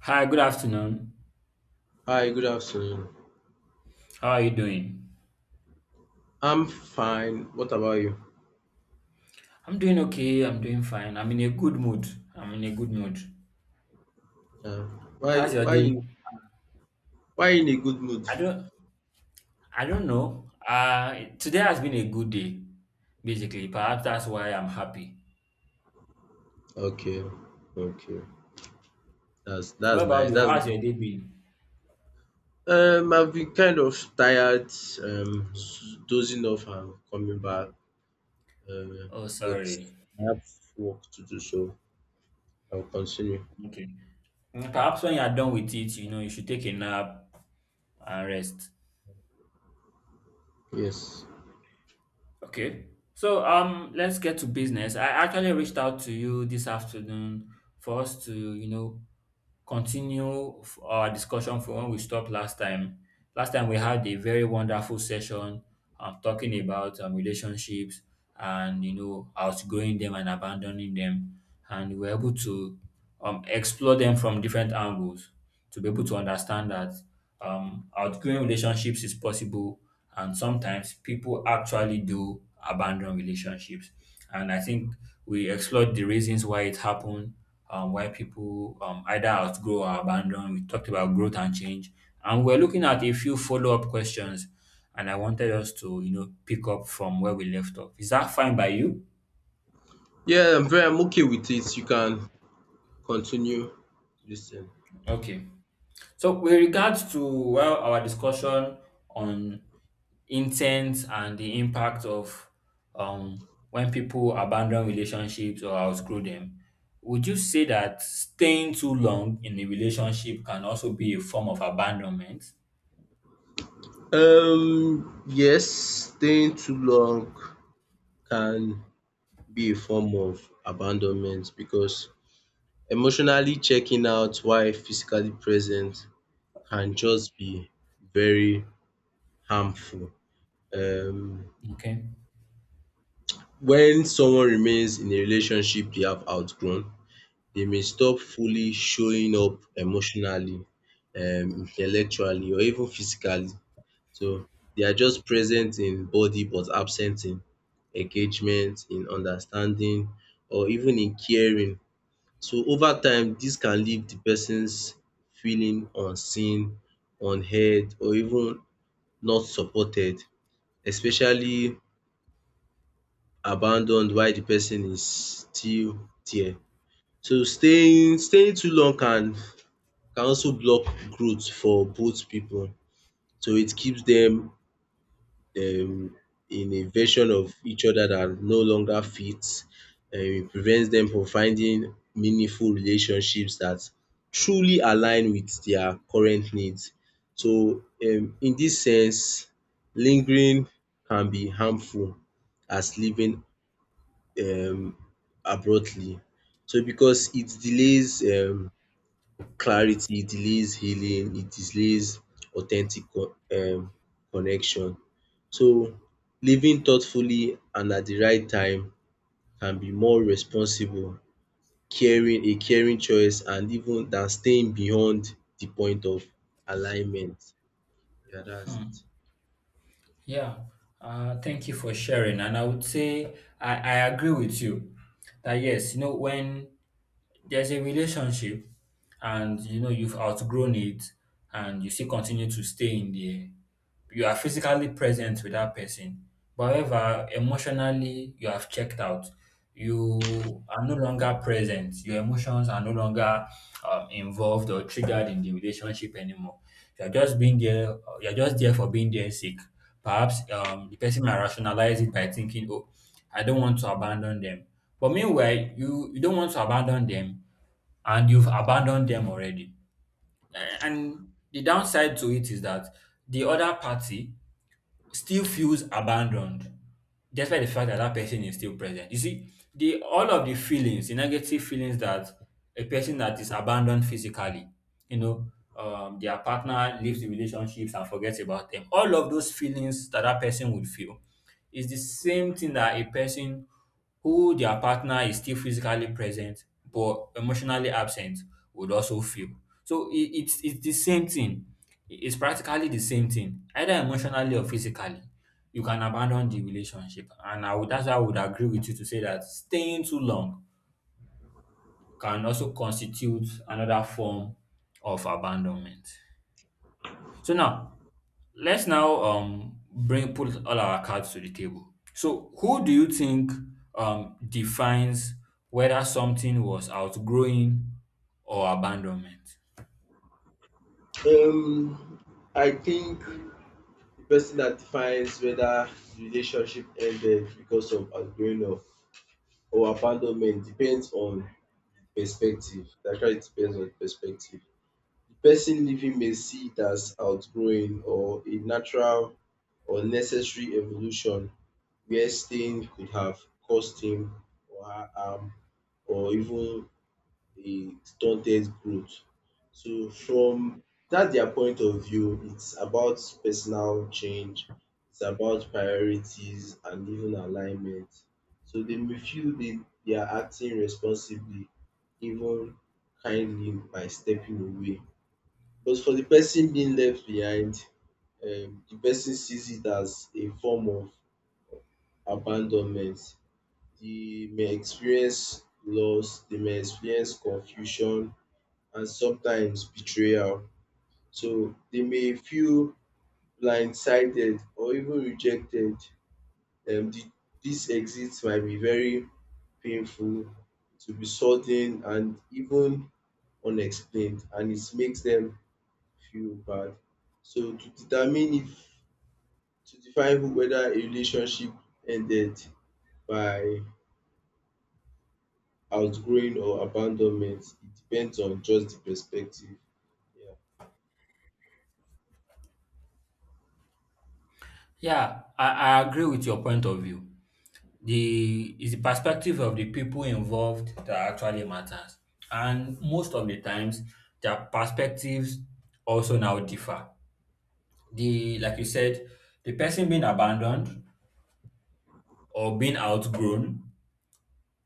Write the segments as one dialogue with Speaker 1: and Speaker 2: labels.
Speaker 1: Hi, good afternoon.
Speaker 2: Hi, good afternoon.
Speaker 1: How are you doing?
Speaker 2: I'm fine. What about you?
Speaker 1: I'm doing okay. I'm doing fine. I'm in a good mood. I'm in a good mood.
Speaker 2: Uh, why
Speaker 1: How's your
Speaker 2: why
Speaker 1: day?
Speaker 2: in why in a good mood?
Speaker 1: I don't I don't know. Today has been a good day, basically. Perhaps that's why I'm happy.
Speaker 2: Okay. Okay. That's
Speaker 1: What
Speaker 2: that's
Speaker 1: about
Speaker 2: nice.
Speaker 1: you?
Speaker 2: That's
Speaker 1: How's your day been?
Speaker 2: I've been kind of tired, dozing off and coming back. Uh,
Speaker 1: Oh,
Speaker 2: but
Speaker 1: sorry.
Speaker 2: I have work to do, so I'll continue.
Speaker 1: Okay. Mm, perhaps when you are done with it, you know, you should take a nap and rest.
Speaker 2: Yes.
Speaker 1: Okay. So let's get to business. I actually reached out to you this afternoon for us to, you know, continue our discussion from when we stopped last time. Last time we had a very wonderful session talking about relationships and, you know, outgrowing them and abandoning them, and we were able to explore them from different angles to be able to understand that outgrowing relationships is possible, and sometimes people actually do abandon relationships. And I think we explored the reasons why it happened, why people either outgrow or abandon. We talked about growth and change, and we're looking at a few follow-up questions, and I wanted us to, you know, pick up from where we left off. Is that fine by you?
Speaker 2: Yeah, I'm okay with it. You can continue this thing.
Speaker 1: Okay, so with regards to, well, our discussion on intent and the impact of, when people abandon relationships or outgrow them, would you say that staying too long in a relationship can also be a form of abandonment?
Speaker 2: Yes, staying too long can be a form of abandonment because emotionally checking out while physically present can just be very harmful. Um
Speaker 1: Okay.
Speaker 2: when someone remains in a relationship they have outgrown, they may stop fully showing up emotionally, intellectually or even physically. So they are just present in body but absent in engagement, in understanding or even in caring. So over time dis can leave de person's feeling unseen, unheard or even not supported, especially abandoned while de person is still there. So staying too long can also block growth for both pipu, so it keeps dem um in a version of each other that no longer fits. It prevents them from finding meaningful relationships that truly align with their current needs. So in this sense, lingering can be harmful as leaving um abruptly. So because it delays um clarity, it delays healing, it delays authentic connection. So living thoughtfully and at the right time can be more responsible, caring a caring choice and even than staying beyond the point of alignment. Yeah, that's it.
Speaker 1: Yeah. Thank you for sharing. And I would say I agree with you that yes, you know, when there's a relationship and, you know, you've outgrown it and you still continue to stay in there, you are physically present with that person. But however, emotionally, you have checked out. You are no longer present. Your emotions are no longer involved or triggered in the relationship anymore. You are just being there. You are just there for being there sick. Perhaps the person might rationalize it by thinking, "Oh, I don't want to abandon them." But meanwhile, you don't want to abandon them, and you've abandoned them already. And the downside to it is that the other party still feels abandoned despite the fact that that person is still present. You see, the all of the feelings, the negative feelings that a person that is abandoned physically, you know, their partner leaves the relationships and forgets about them. All of those feelings that that person would feel, it's the same thing that a person who their partner is still physically present but emotionally absent would also feel. So it's the same thing. It's practically the same thing, either emotionally or physically. You can abandon the relationship, and I would, that's why I would agree with you to say that staying too long can also constitute another form of abandonment. So now let's now bring put all our cards to the table. So who do you think defines whether something was outgrowing or abandonment?
Speaker 2: Um, I think the person that defines whether the relationship ended because of outgrowing or abandonment depends on perspective. It actually depends on perspective. The person living may see it as outgrowing or a natural or necessary evolution where staying could have caused him or her harm or even a stunted growth. So from that their point of view, it's about personal change, it's about priorities and even alignment. So they may feel they are acting responsibly, even kindly by stepping away. But for the person being left behind, the person sees it as a form of abandonment. They may experience loss, they may experience confusion, and sometimes betrayal. So they may feel blindsided or even rejected. Um, the, this exit might be very painful, to be sudden and even unexplained, and it makes them feel bad. So to determine if to define who whether a relationship ended by outgrowing or abandonment, it depends on just the perspective. Yeah.
Speaker 1: Yeah, I agree with your point of view. The is the perspective of the people involved that actually matters. And most of the times their perspectives also now differ. The, like you said, the person being abandoned or being outgrown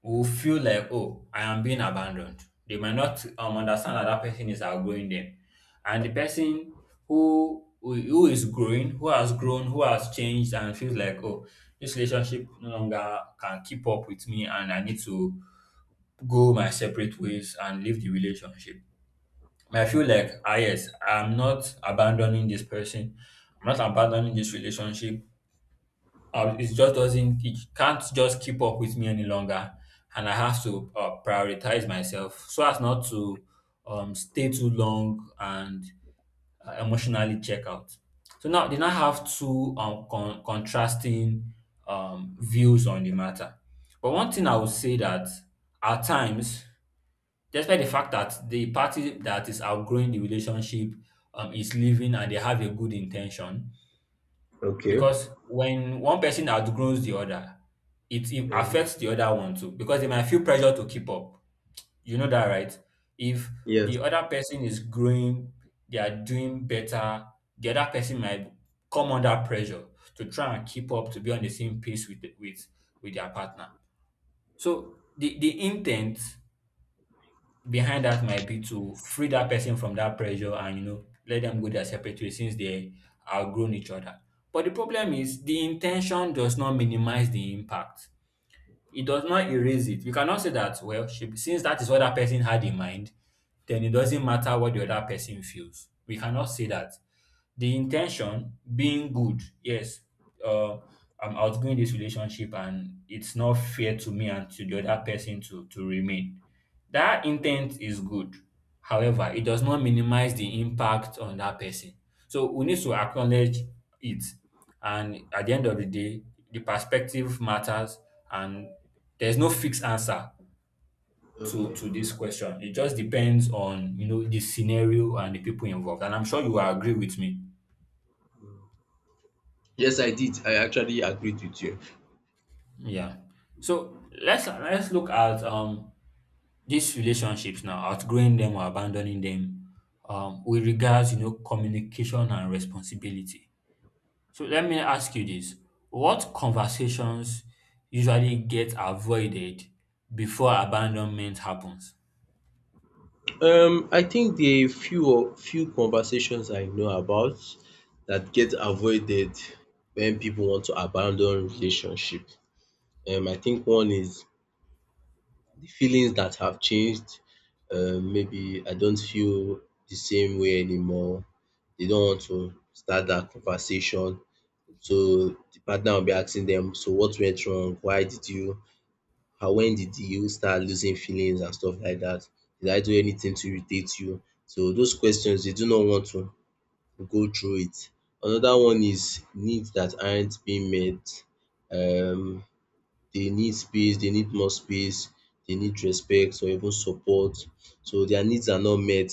Speaker 1: will feel like, oh, I am being abandoned. They might not understand that that person is outgrowing them. And the person who is growing, who has grown, who has changed and feels like, oh, this relationship no longer can keep up with me and I need to go my separate ways and leave the relationship. Might feel like, ah yes, I'm not abandoning this person. I'm not abandoning this relationship. It just doesn't, it can't just keep up with me any longer, and I have to prioritize myself so as not to stay too long and emotionally check out. So now they now have two contrasting views on the matter. But one thing I would say that at times, despite the fact that the party that is outgrowing the relationship is leaving and they have a good intention,
Speaker 2: Okay.
Speaker 1: because when one person outgrows the other, it
Speaker 2: Yeah.
Speaker 1: affects the other one too because they might feel pressure to keep up. You know that, right? If
Speaker 2: Yes.
Speaker 1: the other person is growing, they are doing better, the other person might come under pressure to try and keep up, to be on the same pace with with their partner. So the intent behind that might be to free that person from that pressure and, you know, let them go their separate ways since they outgrown each other. But the problem is the intention does not minimize the impact. It does not erase it. You cannot say that, well, she, since that is what that person had in mind, then it doesn't matter what the other person feels. We cannot say that. The intention being good, yes, uh, I'm outgrowing this relationship and it's not fair to me and to the other person to remain, that intent is good. However, it does not minimize the impact on that person. So we need to acknowledge it, and at the end of the day, the perspective matters, and there's no fixed answer to
Speaker 2: Okay.
Speaker 1: this question. It just depends on, you know, the scenario and the people involved, and I'm sure you will agree with me.
Speaker 2: Yes, I did. I actually agreed with you.
Speaker 1: Yeah. So let's look at these relationships now, outgrowing them or abandoning them, with regards, you know, communication and responsibility. So let me ask you this. What conversations usually get avoided before abandonment happens?
Speaker 2: I think the few conversations I know about that get avoided when people want to abandon relationship. I think one is the feelings that have changed. Maybe I don't feel the same way anymore. They don't want to start that conversation. So the partner will be asking them, "So what went wrong? Why did you and when did you start losing feelings and stuff like that? Did I do anything to irritate you?" So those questions they do not want to go through it. Another one is needs that aren't being met. Um, they need more space, they need respect or even support. So their needs are not met.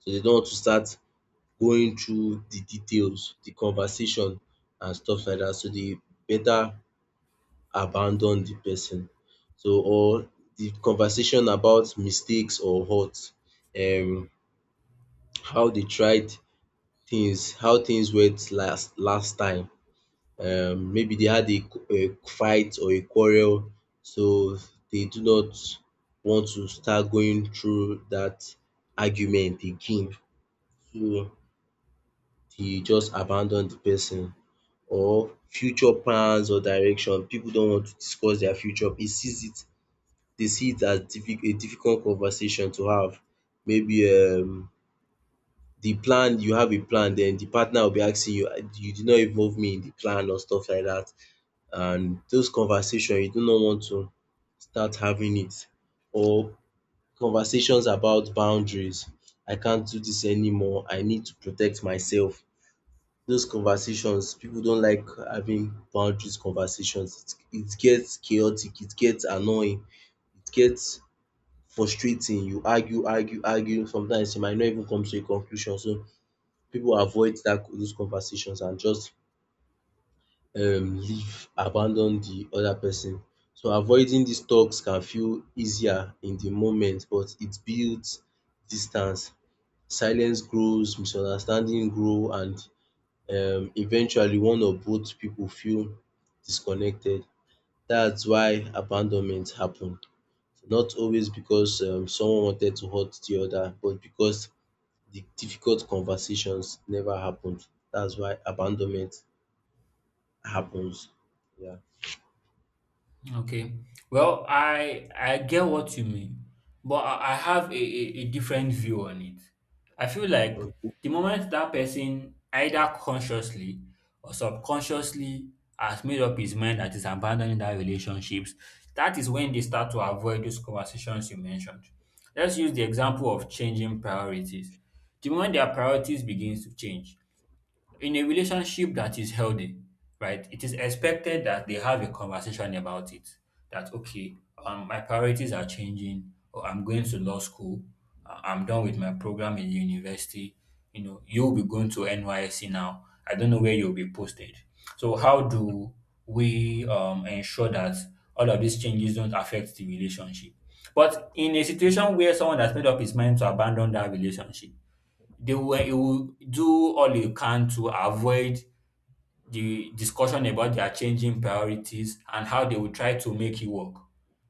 Speaker 2: So they don't want to start going through the details, the conversation and stuff like that. So they better abandon the person. So or the conversation about mistakes or hurt, um how they tried things, how things went last time. Um, maybe they had a a fight or a quarrel, so they do not want to start going through that argument again. So they just abandon the person. Or future plans or direction, people don't want to discuss their future. It sees it They see it as a difficult conversation to have. Maybe the plan, you have a plan, then the partner will be asking you, "Ah, you did not involve me in the plan or stuff like that." And those conversations, you do not want to start having it. Or conversations about boundaries. I can't do this anymore. I need to protect myself. Those conversations, people don't like having boundaries conversations. It gets chaotic, it gets annoying, it gets frustrating, you argue, argue, sometimes you might not even come to a conclusion. So pipu avoid dat those conversations and just leave, abandon de other person. So avoiding dis talks can feel easier in de moment, but it builds distance. Silence grows, misunderstanding grow, and eventually one or both pipu feel disconnected. Dats why abandonment happen, not always because someone wanted to hurt the other, but because the difficult conversations never happened. That's why abandonment happens. Yeah.
Speaker 1: Okay. Well, I get what you mean, but I have a different view on it. I feel like the moment that person either consciously or subconsciously has made up his mind that is abandoning that relationships, that is when they start to avoid those conversations you mentioned. Let's use the example of changing priorities. The moment their priorities begins to change, in a relationship that is healthy, right, it is expected that they have a conversation about it. That okay, my priorities are changing, or I'm going to law school, I'm done with my program in university. You know, you'll be going to NYSC now. I don't know where you'll be posted. So how do we ensure that all of these changes don't affect the relationship? But in a situation where someone has made up his mind to abandon that relationship, they were he will do all he can to avoid the discussion about their changing priorities and how they will try to make it work.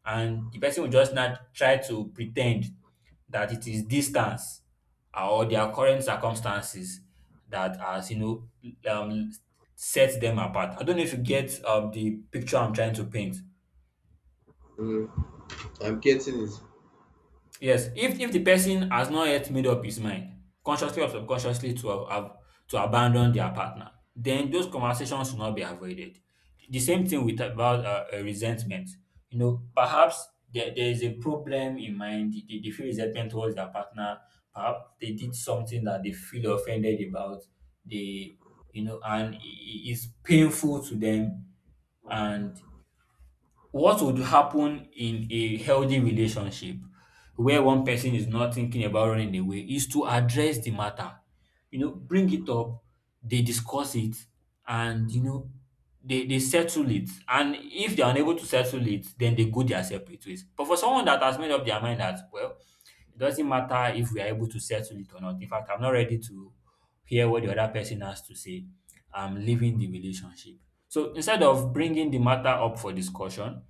Speaker 1: And the person will just not try to pretend that it is distance or their current circumstances that has, you know, set them apart. I don't know if you get the picture I'm trying to paint.
Speaker 2: Mm, I'm getting it.
Speaker 1: Yes, if the person has not yet made up his mind, consciously or subconsciously to to abandon their partner, then those conversations should not be avoided. The same thing with about resentment. You know, perhaps there is a problem in mind. They feel resentment towards their partner. Perhaps they did something that they feel offended about. They, you know, and it is painful to them, and what would happen in a healthy relationship where one person is not thinking about running away is to address the matter. You know, bring it up, they discuss it, and, you know, they settle it. And if they're unable to settle it, then they go their separate ways. But for someone that has made up their mind that, well, it doesn't matter if we are able to settle it or not. In fact, I'm not ready to hear what the other person has to say. I'm leaving the relationship. So instead of bringing the matter up for discussion,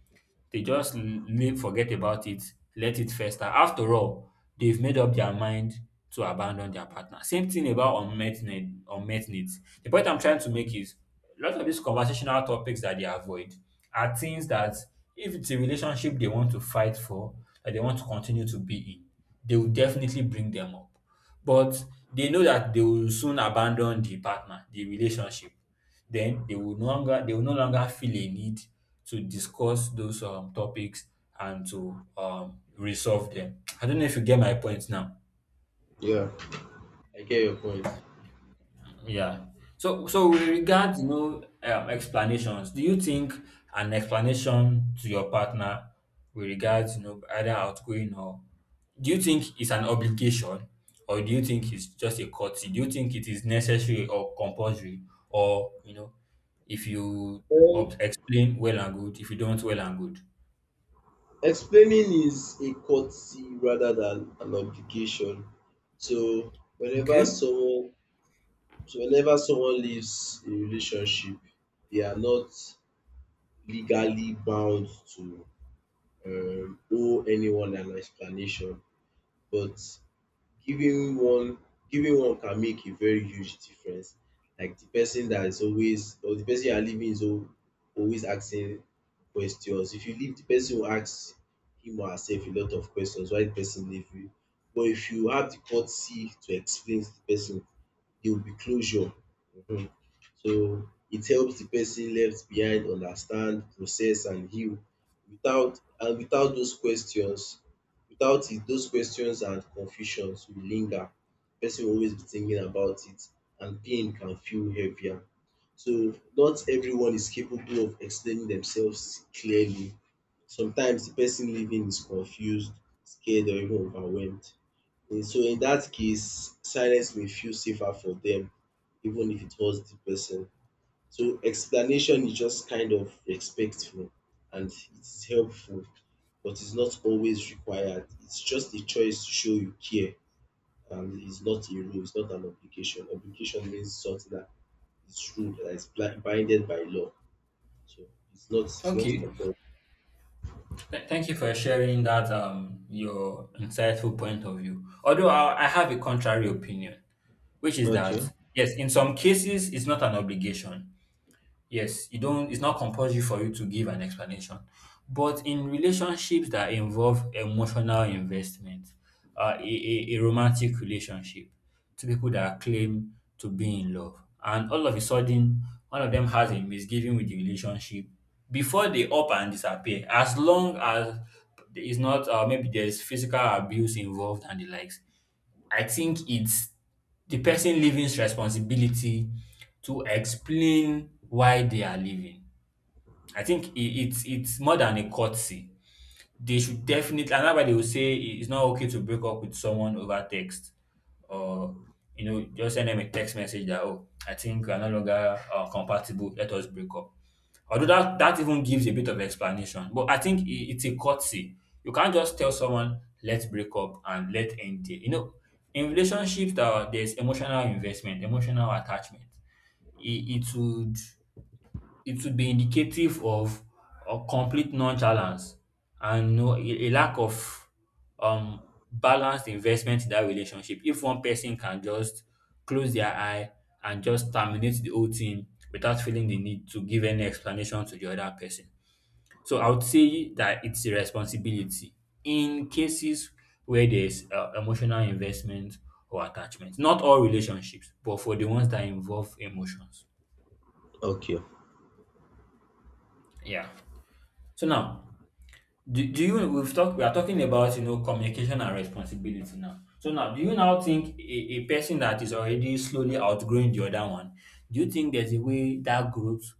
Speaker 1: they just live, forget about it, let it fester. After all, they've made up their mind to abandon their partner. Same thing about unmet needs. The point I'm trying to make is a lot of these conversational topics that they avoid are things that if it's a relationship they want to fight for, that they want to continue to be in, they will definitely bring them up. But they know that they will soon abandon the partner, the relationship, then they will no longer, they will no longer feel a need to discuss those topics and to resolve them. I don't know if you get my point now.
Speaker 2: Yeah, I get your point.
Speaker 1: Yeah. So, so with regard, you know, explanations, do you think an explanation to your partner with regards, you know, either outgoing or, do you think it's an obligation or do you think it's just a courtesy? Do you think it is necessary or compulsory? Or, you know, if you
Speaker 2: Um,
Speaker 1: explain, well and good; if you don't, well and good.
Speaker 2: explaining is a courtesy rather than an obligation. So whenever
Speaker 1: Okay.
Speaker 2: someone so whenever someone leaves a relationship, they are not legally bound to owe anyone an explanation, but giving one giving one can make a very huge difference. Like the person that is always, or the person you are leaving is always asking questions. If you leave, the person will ask him or herself a lot of questions why the person leave you. But if you have the courtesy to explain to the person, there will be closure. um So it helps the person left behind understand, process and heal. Without those questions, without it those questions and confusions will linger. Person will always be thinking about it and pain can feel heavier. So not everyone is capable of explaining themselves clearly. Sometimes the person living is confused, scared or even overwhelmed. And so in that case, silence may feel safer for them, even if it was the person. So explanation is just kind of respectful and it is helpful, but it's not always required. It's just a choice to show you care, and it's not a rule, it's not an obligation. Obligation means something that is ruled, that is binded by law. So it's not
Speaker 1: Okay.
Speaker 2: compulsory.
Speaker 1: Thank you for sharing that, your insightful point of view. Although I have a contrary opinion, which is that
Speaker 2: Okay.
Speaker 1: yes, in some cases it's not an obligation. Yes, you don't, it's not compulsory for you to give an explanation, but in relationships that involve emotional investment, a romantic relationship, to people that claim to be in love and all of a sudden one of them has a misgiving with the relationship, before they up and disappear, as long as it's not, maybe there's physical abuse involved and the likes, I think it's the person leaving's responsibility to explain why they are leaving. I think it's more than a courtesy. They should definitely, and that's why they will say it's not okay to break up with someone over text, or, you know, just send them a text message that, oh, I think we are no longer, compatible. Let us break up. Although that even gives a bit of explanation, but I think it's a courtesy. You can't just tell someone let's break up and let end there. You know, in relationships that there's emotional investment, emotional attachment, It, it would it would be indicative of a complete nonchalance and no, a lack of um balanced investment in that relationship, if one person can just close their eye and just terminate the whole thing without feeling the need to give any explanation to the other person. So I would say that it's a responsibility in cases where there's, emotional investment or attachment. Not all relationships, but for the ones that involve emotions.
Speaker 2: Okay.
Speaker 1: Yeah. So now, do, do you we've talked we are talking about, you know, communication and responsibility. Now, so now do you now think a person that is already slowly outgrowing the other one, do you think there's a way that growth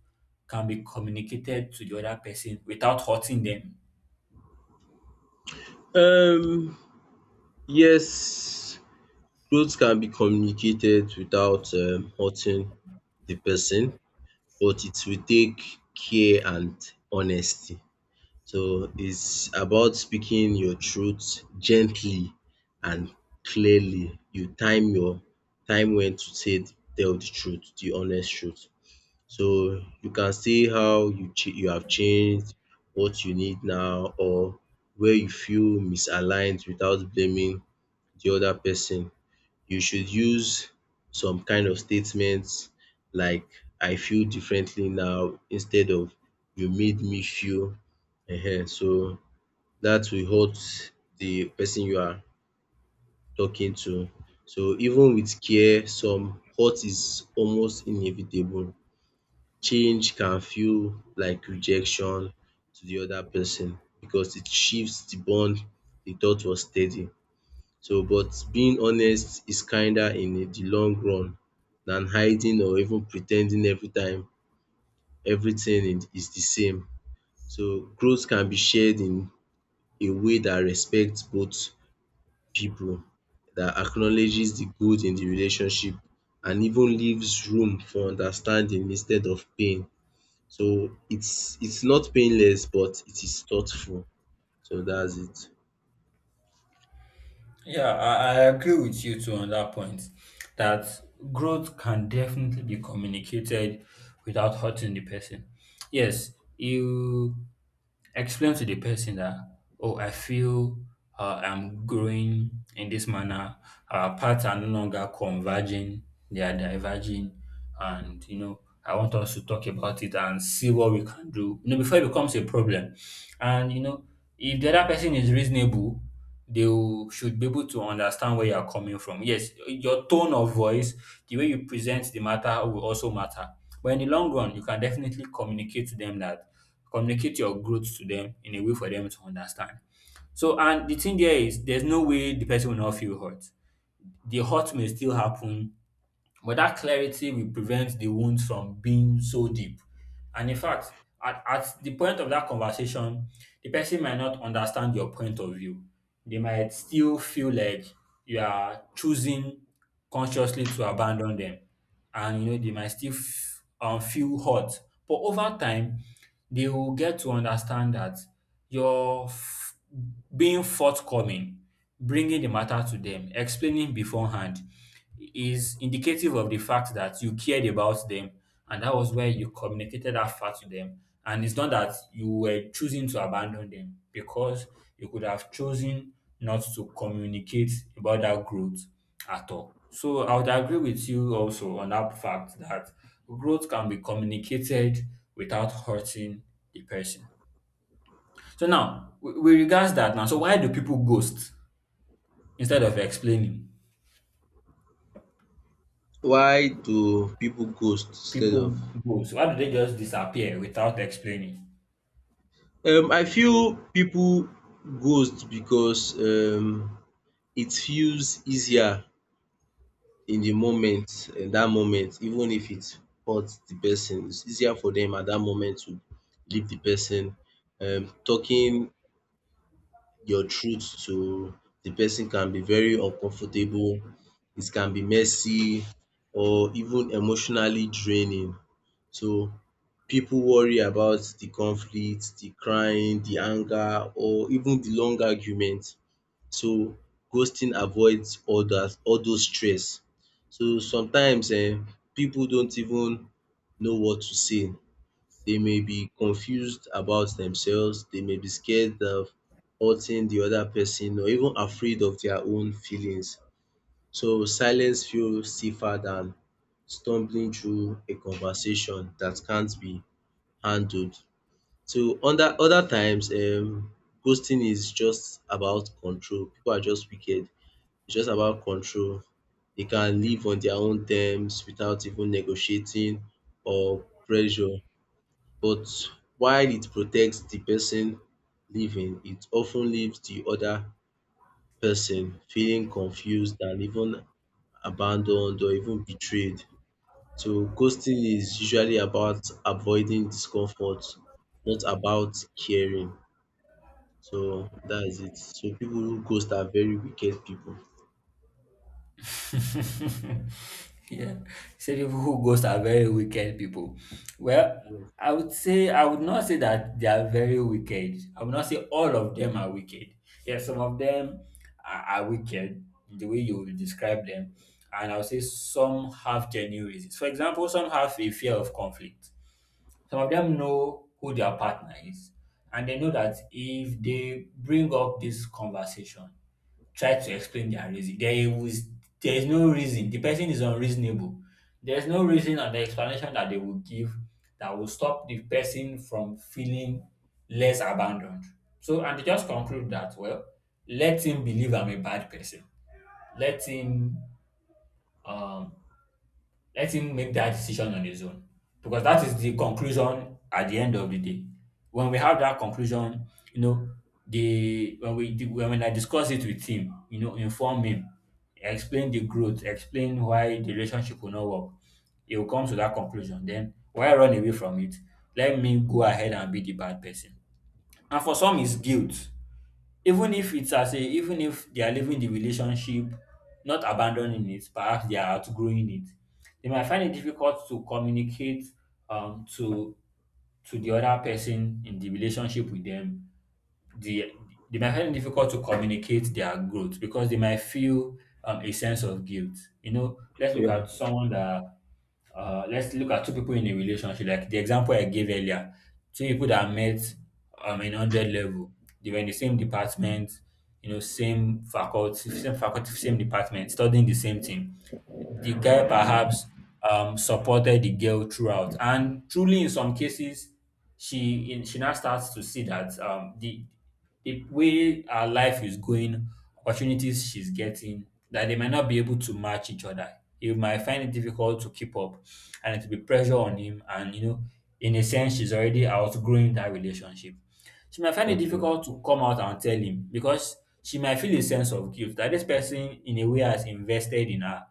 Speaker 1: can be communicated to the other person without hurting them?
Speaker 2: Um yes, growth can be communicated without hurting the person, but it will take care and honesty. So it's about speaking your truth gently and clearly. You time when to say tell the truth, the honest truth. So you can say how you you have changed, what you need now, or where you feel misaligned without blaming the other person. You should use some kind of statements like "I feel differently now" instead of "you made me feel. So that will hurt the person you are talking to. So even with care, some hurt is almost inevitable. Change can feel like rejection to the other person because it shifts the bond you thought was steady. So, but being honest is kinder in the long run than hiding or even pretending every time everything is the same. So growth can be shared in a way that respects both people, that acknowledges the good in the relationship and even leaves room for understanding instead of pain. So it's not painless, but it is thoughtful. So that's it.
Speaker 1: Yeah, I agree with you too on that point. That growth can definitely be communicated without hurting the person. Yes, you explain to the person that, oh, I feel, I'm growing in this manner. Our paths are no longer converging, they are diverging. And, you know, I want us to talk about it and see what we can do, you know, before it becomes a problem. And, you know, if the other person is reasonable, they will should be able to understand where you are coming from. Yes, your tone of voice, the way you present the matter will also matter. But in the long run, you can definitely communicate your growth to them in a way for them to understand. So, and the thing there is, there's no way the person will not feel hurt. The hurt may still happen, but that clarity will prevent the wounds from being so deep. And in fact, at the point of that conversation, the person might not understand your point of view. They might still feel like you are choosing consciously to abandon them. And, you know, they might still feel hurt. But over time, they will get to understand that you're being forthcoming, bringing the matter to them, explaining beforehand, is indicative of the fact that you cared about them, and that was where you communicated that fact to them. And it's not that you were choosing to abandon them, because you could have chosen not to communicate about that growth at all. So I would agree with you also on that fact that growth can be communicated without hurting the person. So now, with regards that now, so why do people ghost instead of explaining?
Speaker 2: Why do people ghost instead of...
Speaker 1: People go. So why do they just disappear without explaining?
Speaker 2: I feel people ghost because it feels easier in the moment, in that moment, even if it hurts the person. It's easier for them at that moment to leave the person. Talking your truth to the person can be very uncomfortable. It can be messy or even emotionally draining. So people worry about the conflict, the crying, the anger or even the long argument. So ghosting avoids all those stress. So sometimes people don't even know what to say. They may be confused about themselves, they may be scared of hurting the other person or even afraid of their own feelings. So silence feels safer than stumbling through a conversation that can't be handled. So under other times ghosting is just about control. Pipu are just wicked. It's just about control. They can live on their own terms without even negotiating or pressure. But while it protects the person leaving, it of ten leaves the other person feeling confused and even abandoned or even betrayed. So ghosting is usually about avoiding discomfort, not about caring. So that is it. So people who ghost are very wicked people.
Speaker 1: Yeah. Say people who ghost are very wicked people. Well, I would say, I would not say that they are very wicked. I would not say all of them are wicked. Yeah, some of them are wicked the way you will describe them. And I would say some have genuine reasons. For example, some have a fear of conflict. Some of them know who their partner is, and they know that if they bring up this conversation, try to explain their reason, there is no reason. The person is unreasonable. There is no reason, and the explanation that they will give, that will stop the person from feeling less abandoned. So, and they just conclude that, well, let him believe I'm a bad person. Let him um let him make that decision on his own, because that is the conclusion at the end of the day. When we have that conclusion, you know, the when we di- when I discuss it with him, you know, inform him, explain the growth, explain why the relationship will not work, he will come to that conclusion. Then why run away from it? Let me go ahead and be the bad person. And for some, it's guilt. Even if it's as a even if they are leaving the relationship, not abandoning it, perhaps they are outgrowing it, they might find it difficult to communicate, to the other person in the relationship with them, the they might find it difficult to communicate their growth, because they might feel, a sense of guilt. You know,
Speaker 2: Yeah.
Speaker 1: let's look at two people in a relationship, like the example I gave earlier. Two people that met, in hundred level, they were in the same department, you know, same faculty, same department, studying the same thing. The guy perhaps, supported the girl throughout, and truly, in some cases, she now starts to see that, the way her life is going, opportunities she's getting, that they might not be able to match each other. He might find it difficult to keep up, and it will be pressure on him. And, you know, in a sense, she's already outgrowing that relationship. She might find it
Speaker 2: Okay.
Speaker 1: difficult to come out and tell him, because she might feel a sense of guilt that this person, in a way, has invested in her.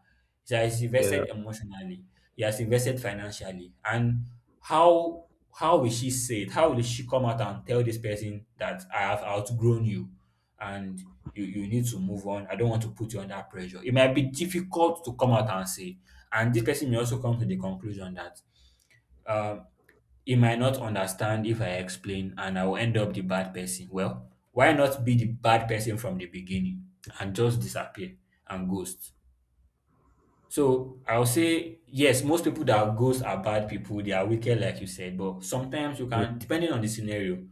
Speaker 1: He has
Speaker 2: Yeah.
Speaker 1: invested emotionally, he has invested financially, and how how will she say it? How will she come out and tell this person that I have outgrown you, and you need to move on? I don't want to put you under pressure. It might be difficult to come out and say. And this person may also come to the conclusion that, um, he might not understand if I explain, and I will end up the bad person. Well, why not be the bad person from the beginning and just disappear and ghost? So I'll say yes, most people that are ghosts are bad people, they are wicked, like you said, but sometimes you can,
Speaker 2: Mm.
Speaker 1: depending on the scenario,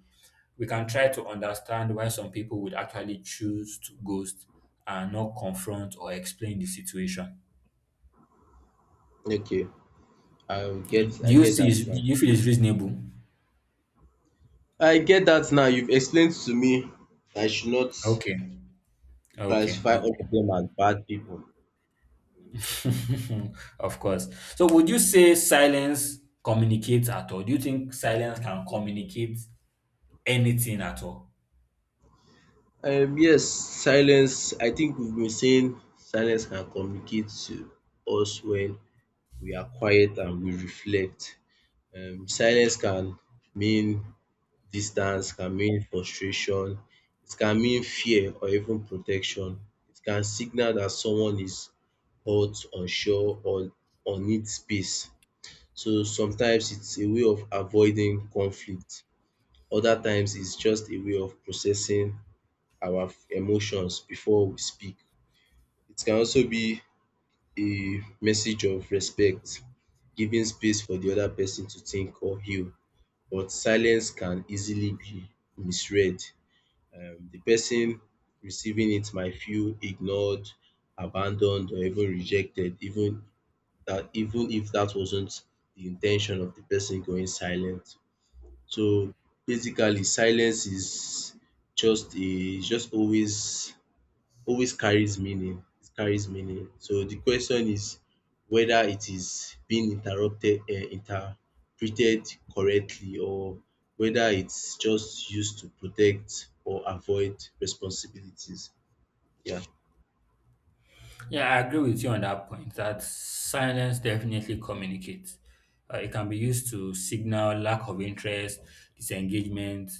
Speaker 1: we can try to understand why some people would actually choose to ghost and not confront or explain the situation.
Speaker 2: Okay. I get that
Speaker 1: Do
Speaker 2: now.
Speaker 1: you feel it's reasonable?
Speaker 2: I get that now. You've explained to me I should not
Speaker 1: Okay. Okay,
Speaker 2: classify all of
Speaker 1: okay.
Speaker 2: them as bad people.
Speaker 1: Of course. So would you say silence communicates at all? Do you think silence can communicate anything at all?
Speaker 2: Yes, silence. I think we've been saying silence can communicate to us when we are quiet and we reflect. Silence can mean distance, can mean frustration, it can mean fear or even protection. It can signal that someone is hurt, unsure, or needs space. So sometimes it's a way of avoiding conflict. Other times it's just a way of processing our emotions before we speak. It can also be a message of respect, giving space for the other person to think or heal, but silence can easily be misread. The person receiving it might feel ignored, abandoned, or even rejected, even if that wasn't the intention of the person going silent. So basically, silence is just a is just always always carries meaning, it carries meaning. So the question is whether it is being interrupted interpreted correctly, or whether it's just used to protect or avoid responsibilities. Yeah,
Speaker 1: Yeah, I agree with you on that point that silence definitely communicates. It can be used to signal lack of interest, disengagement,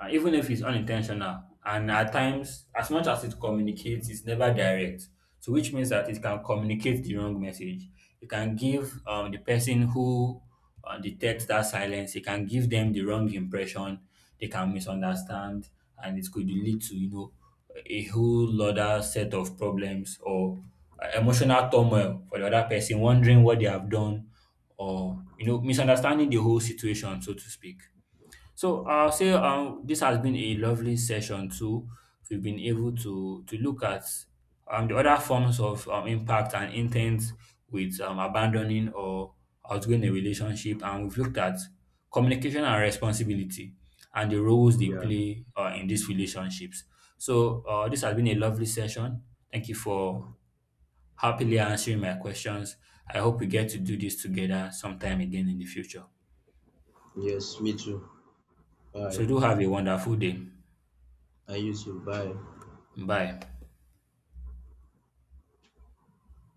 Speaker 1: even if it's unintentional. And at times, as much as it communicates, it's never direct. So, which means that it can communicate the wrong message. It can give, the person who, detects that silence, it can give them the wrong impression. They can misunderstand, and it could lead to, you know, a whole other set of problems or, emotional turmoil for the other person, wondering what they have done, or, you know, misunderstanding the whole situation, so to speak. So I'll say, this has been a lovely session too. We've been able to look at, the other forms of, impact and intent with, abandoning or outgoing a relationship, and we've looked at communication and responsibility and the roles they
Speaker 2: yeah.
Speaker 1: play, in these relationships. So, this has been a lovely session. Thank you for happily answering my questions. I hope we get to do this together sometime again in the future.
Speaker 2: Yes, me too. Bye.
Speaker 1: So do have a wonderful day.
Speaker 2: And you too. Bye.
Speaker 1: Bye.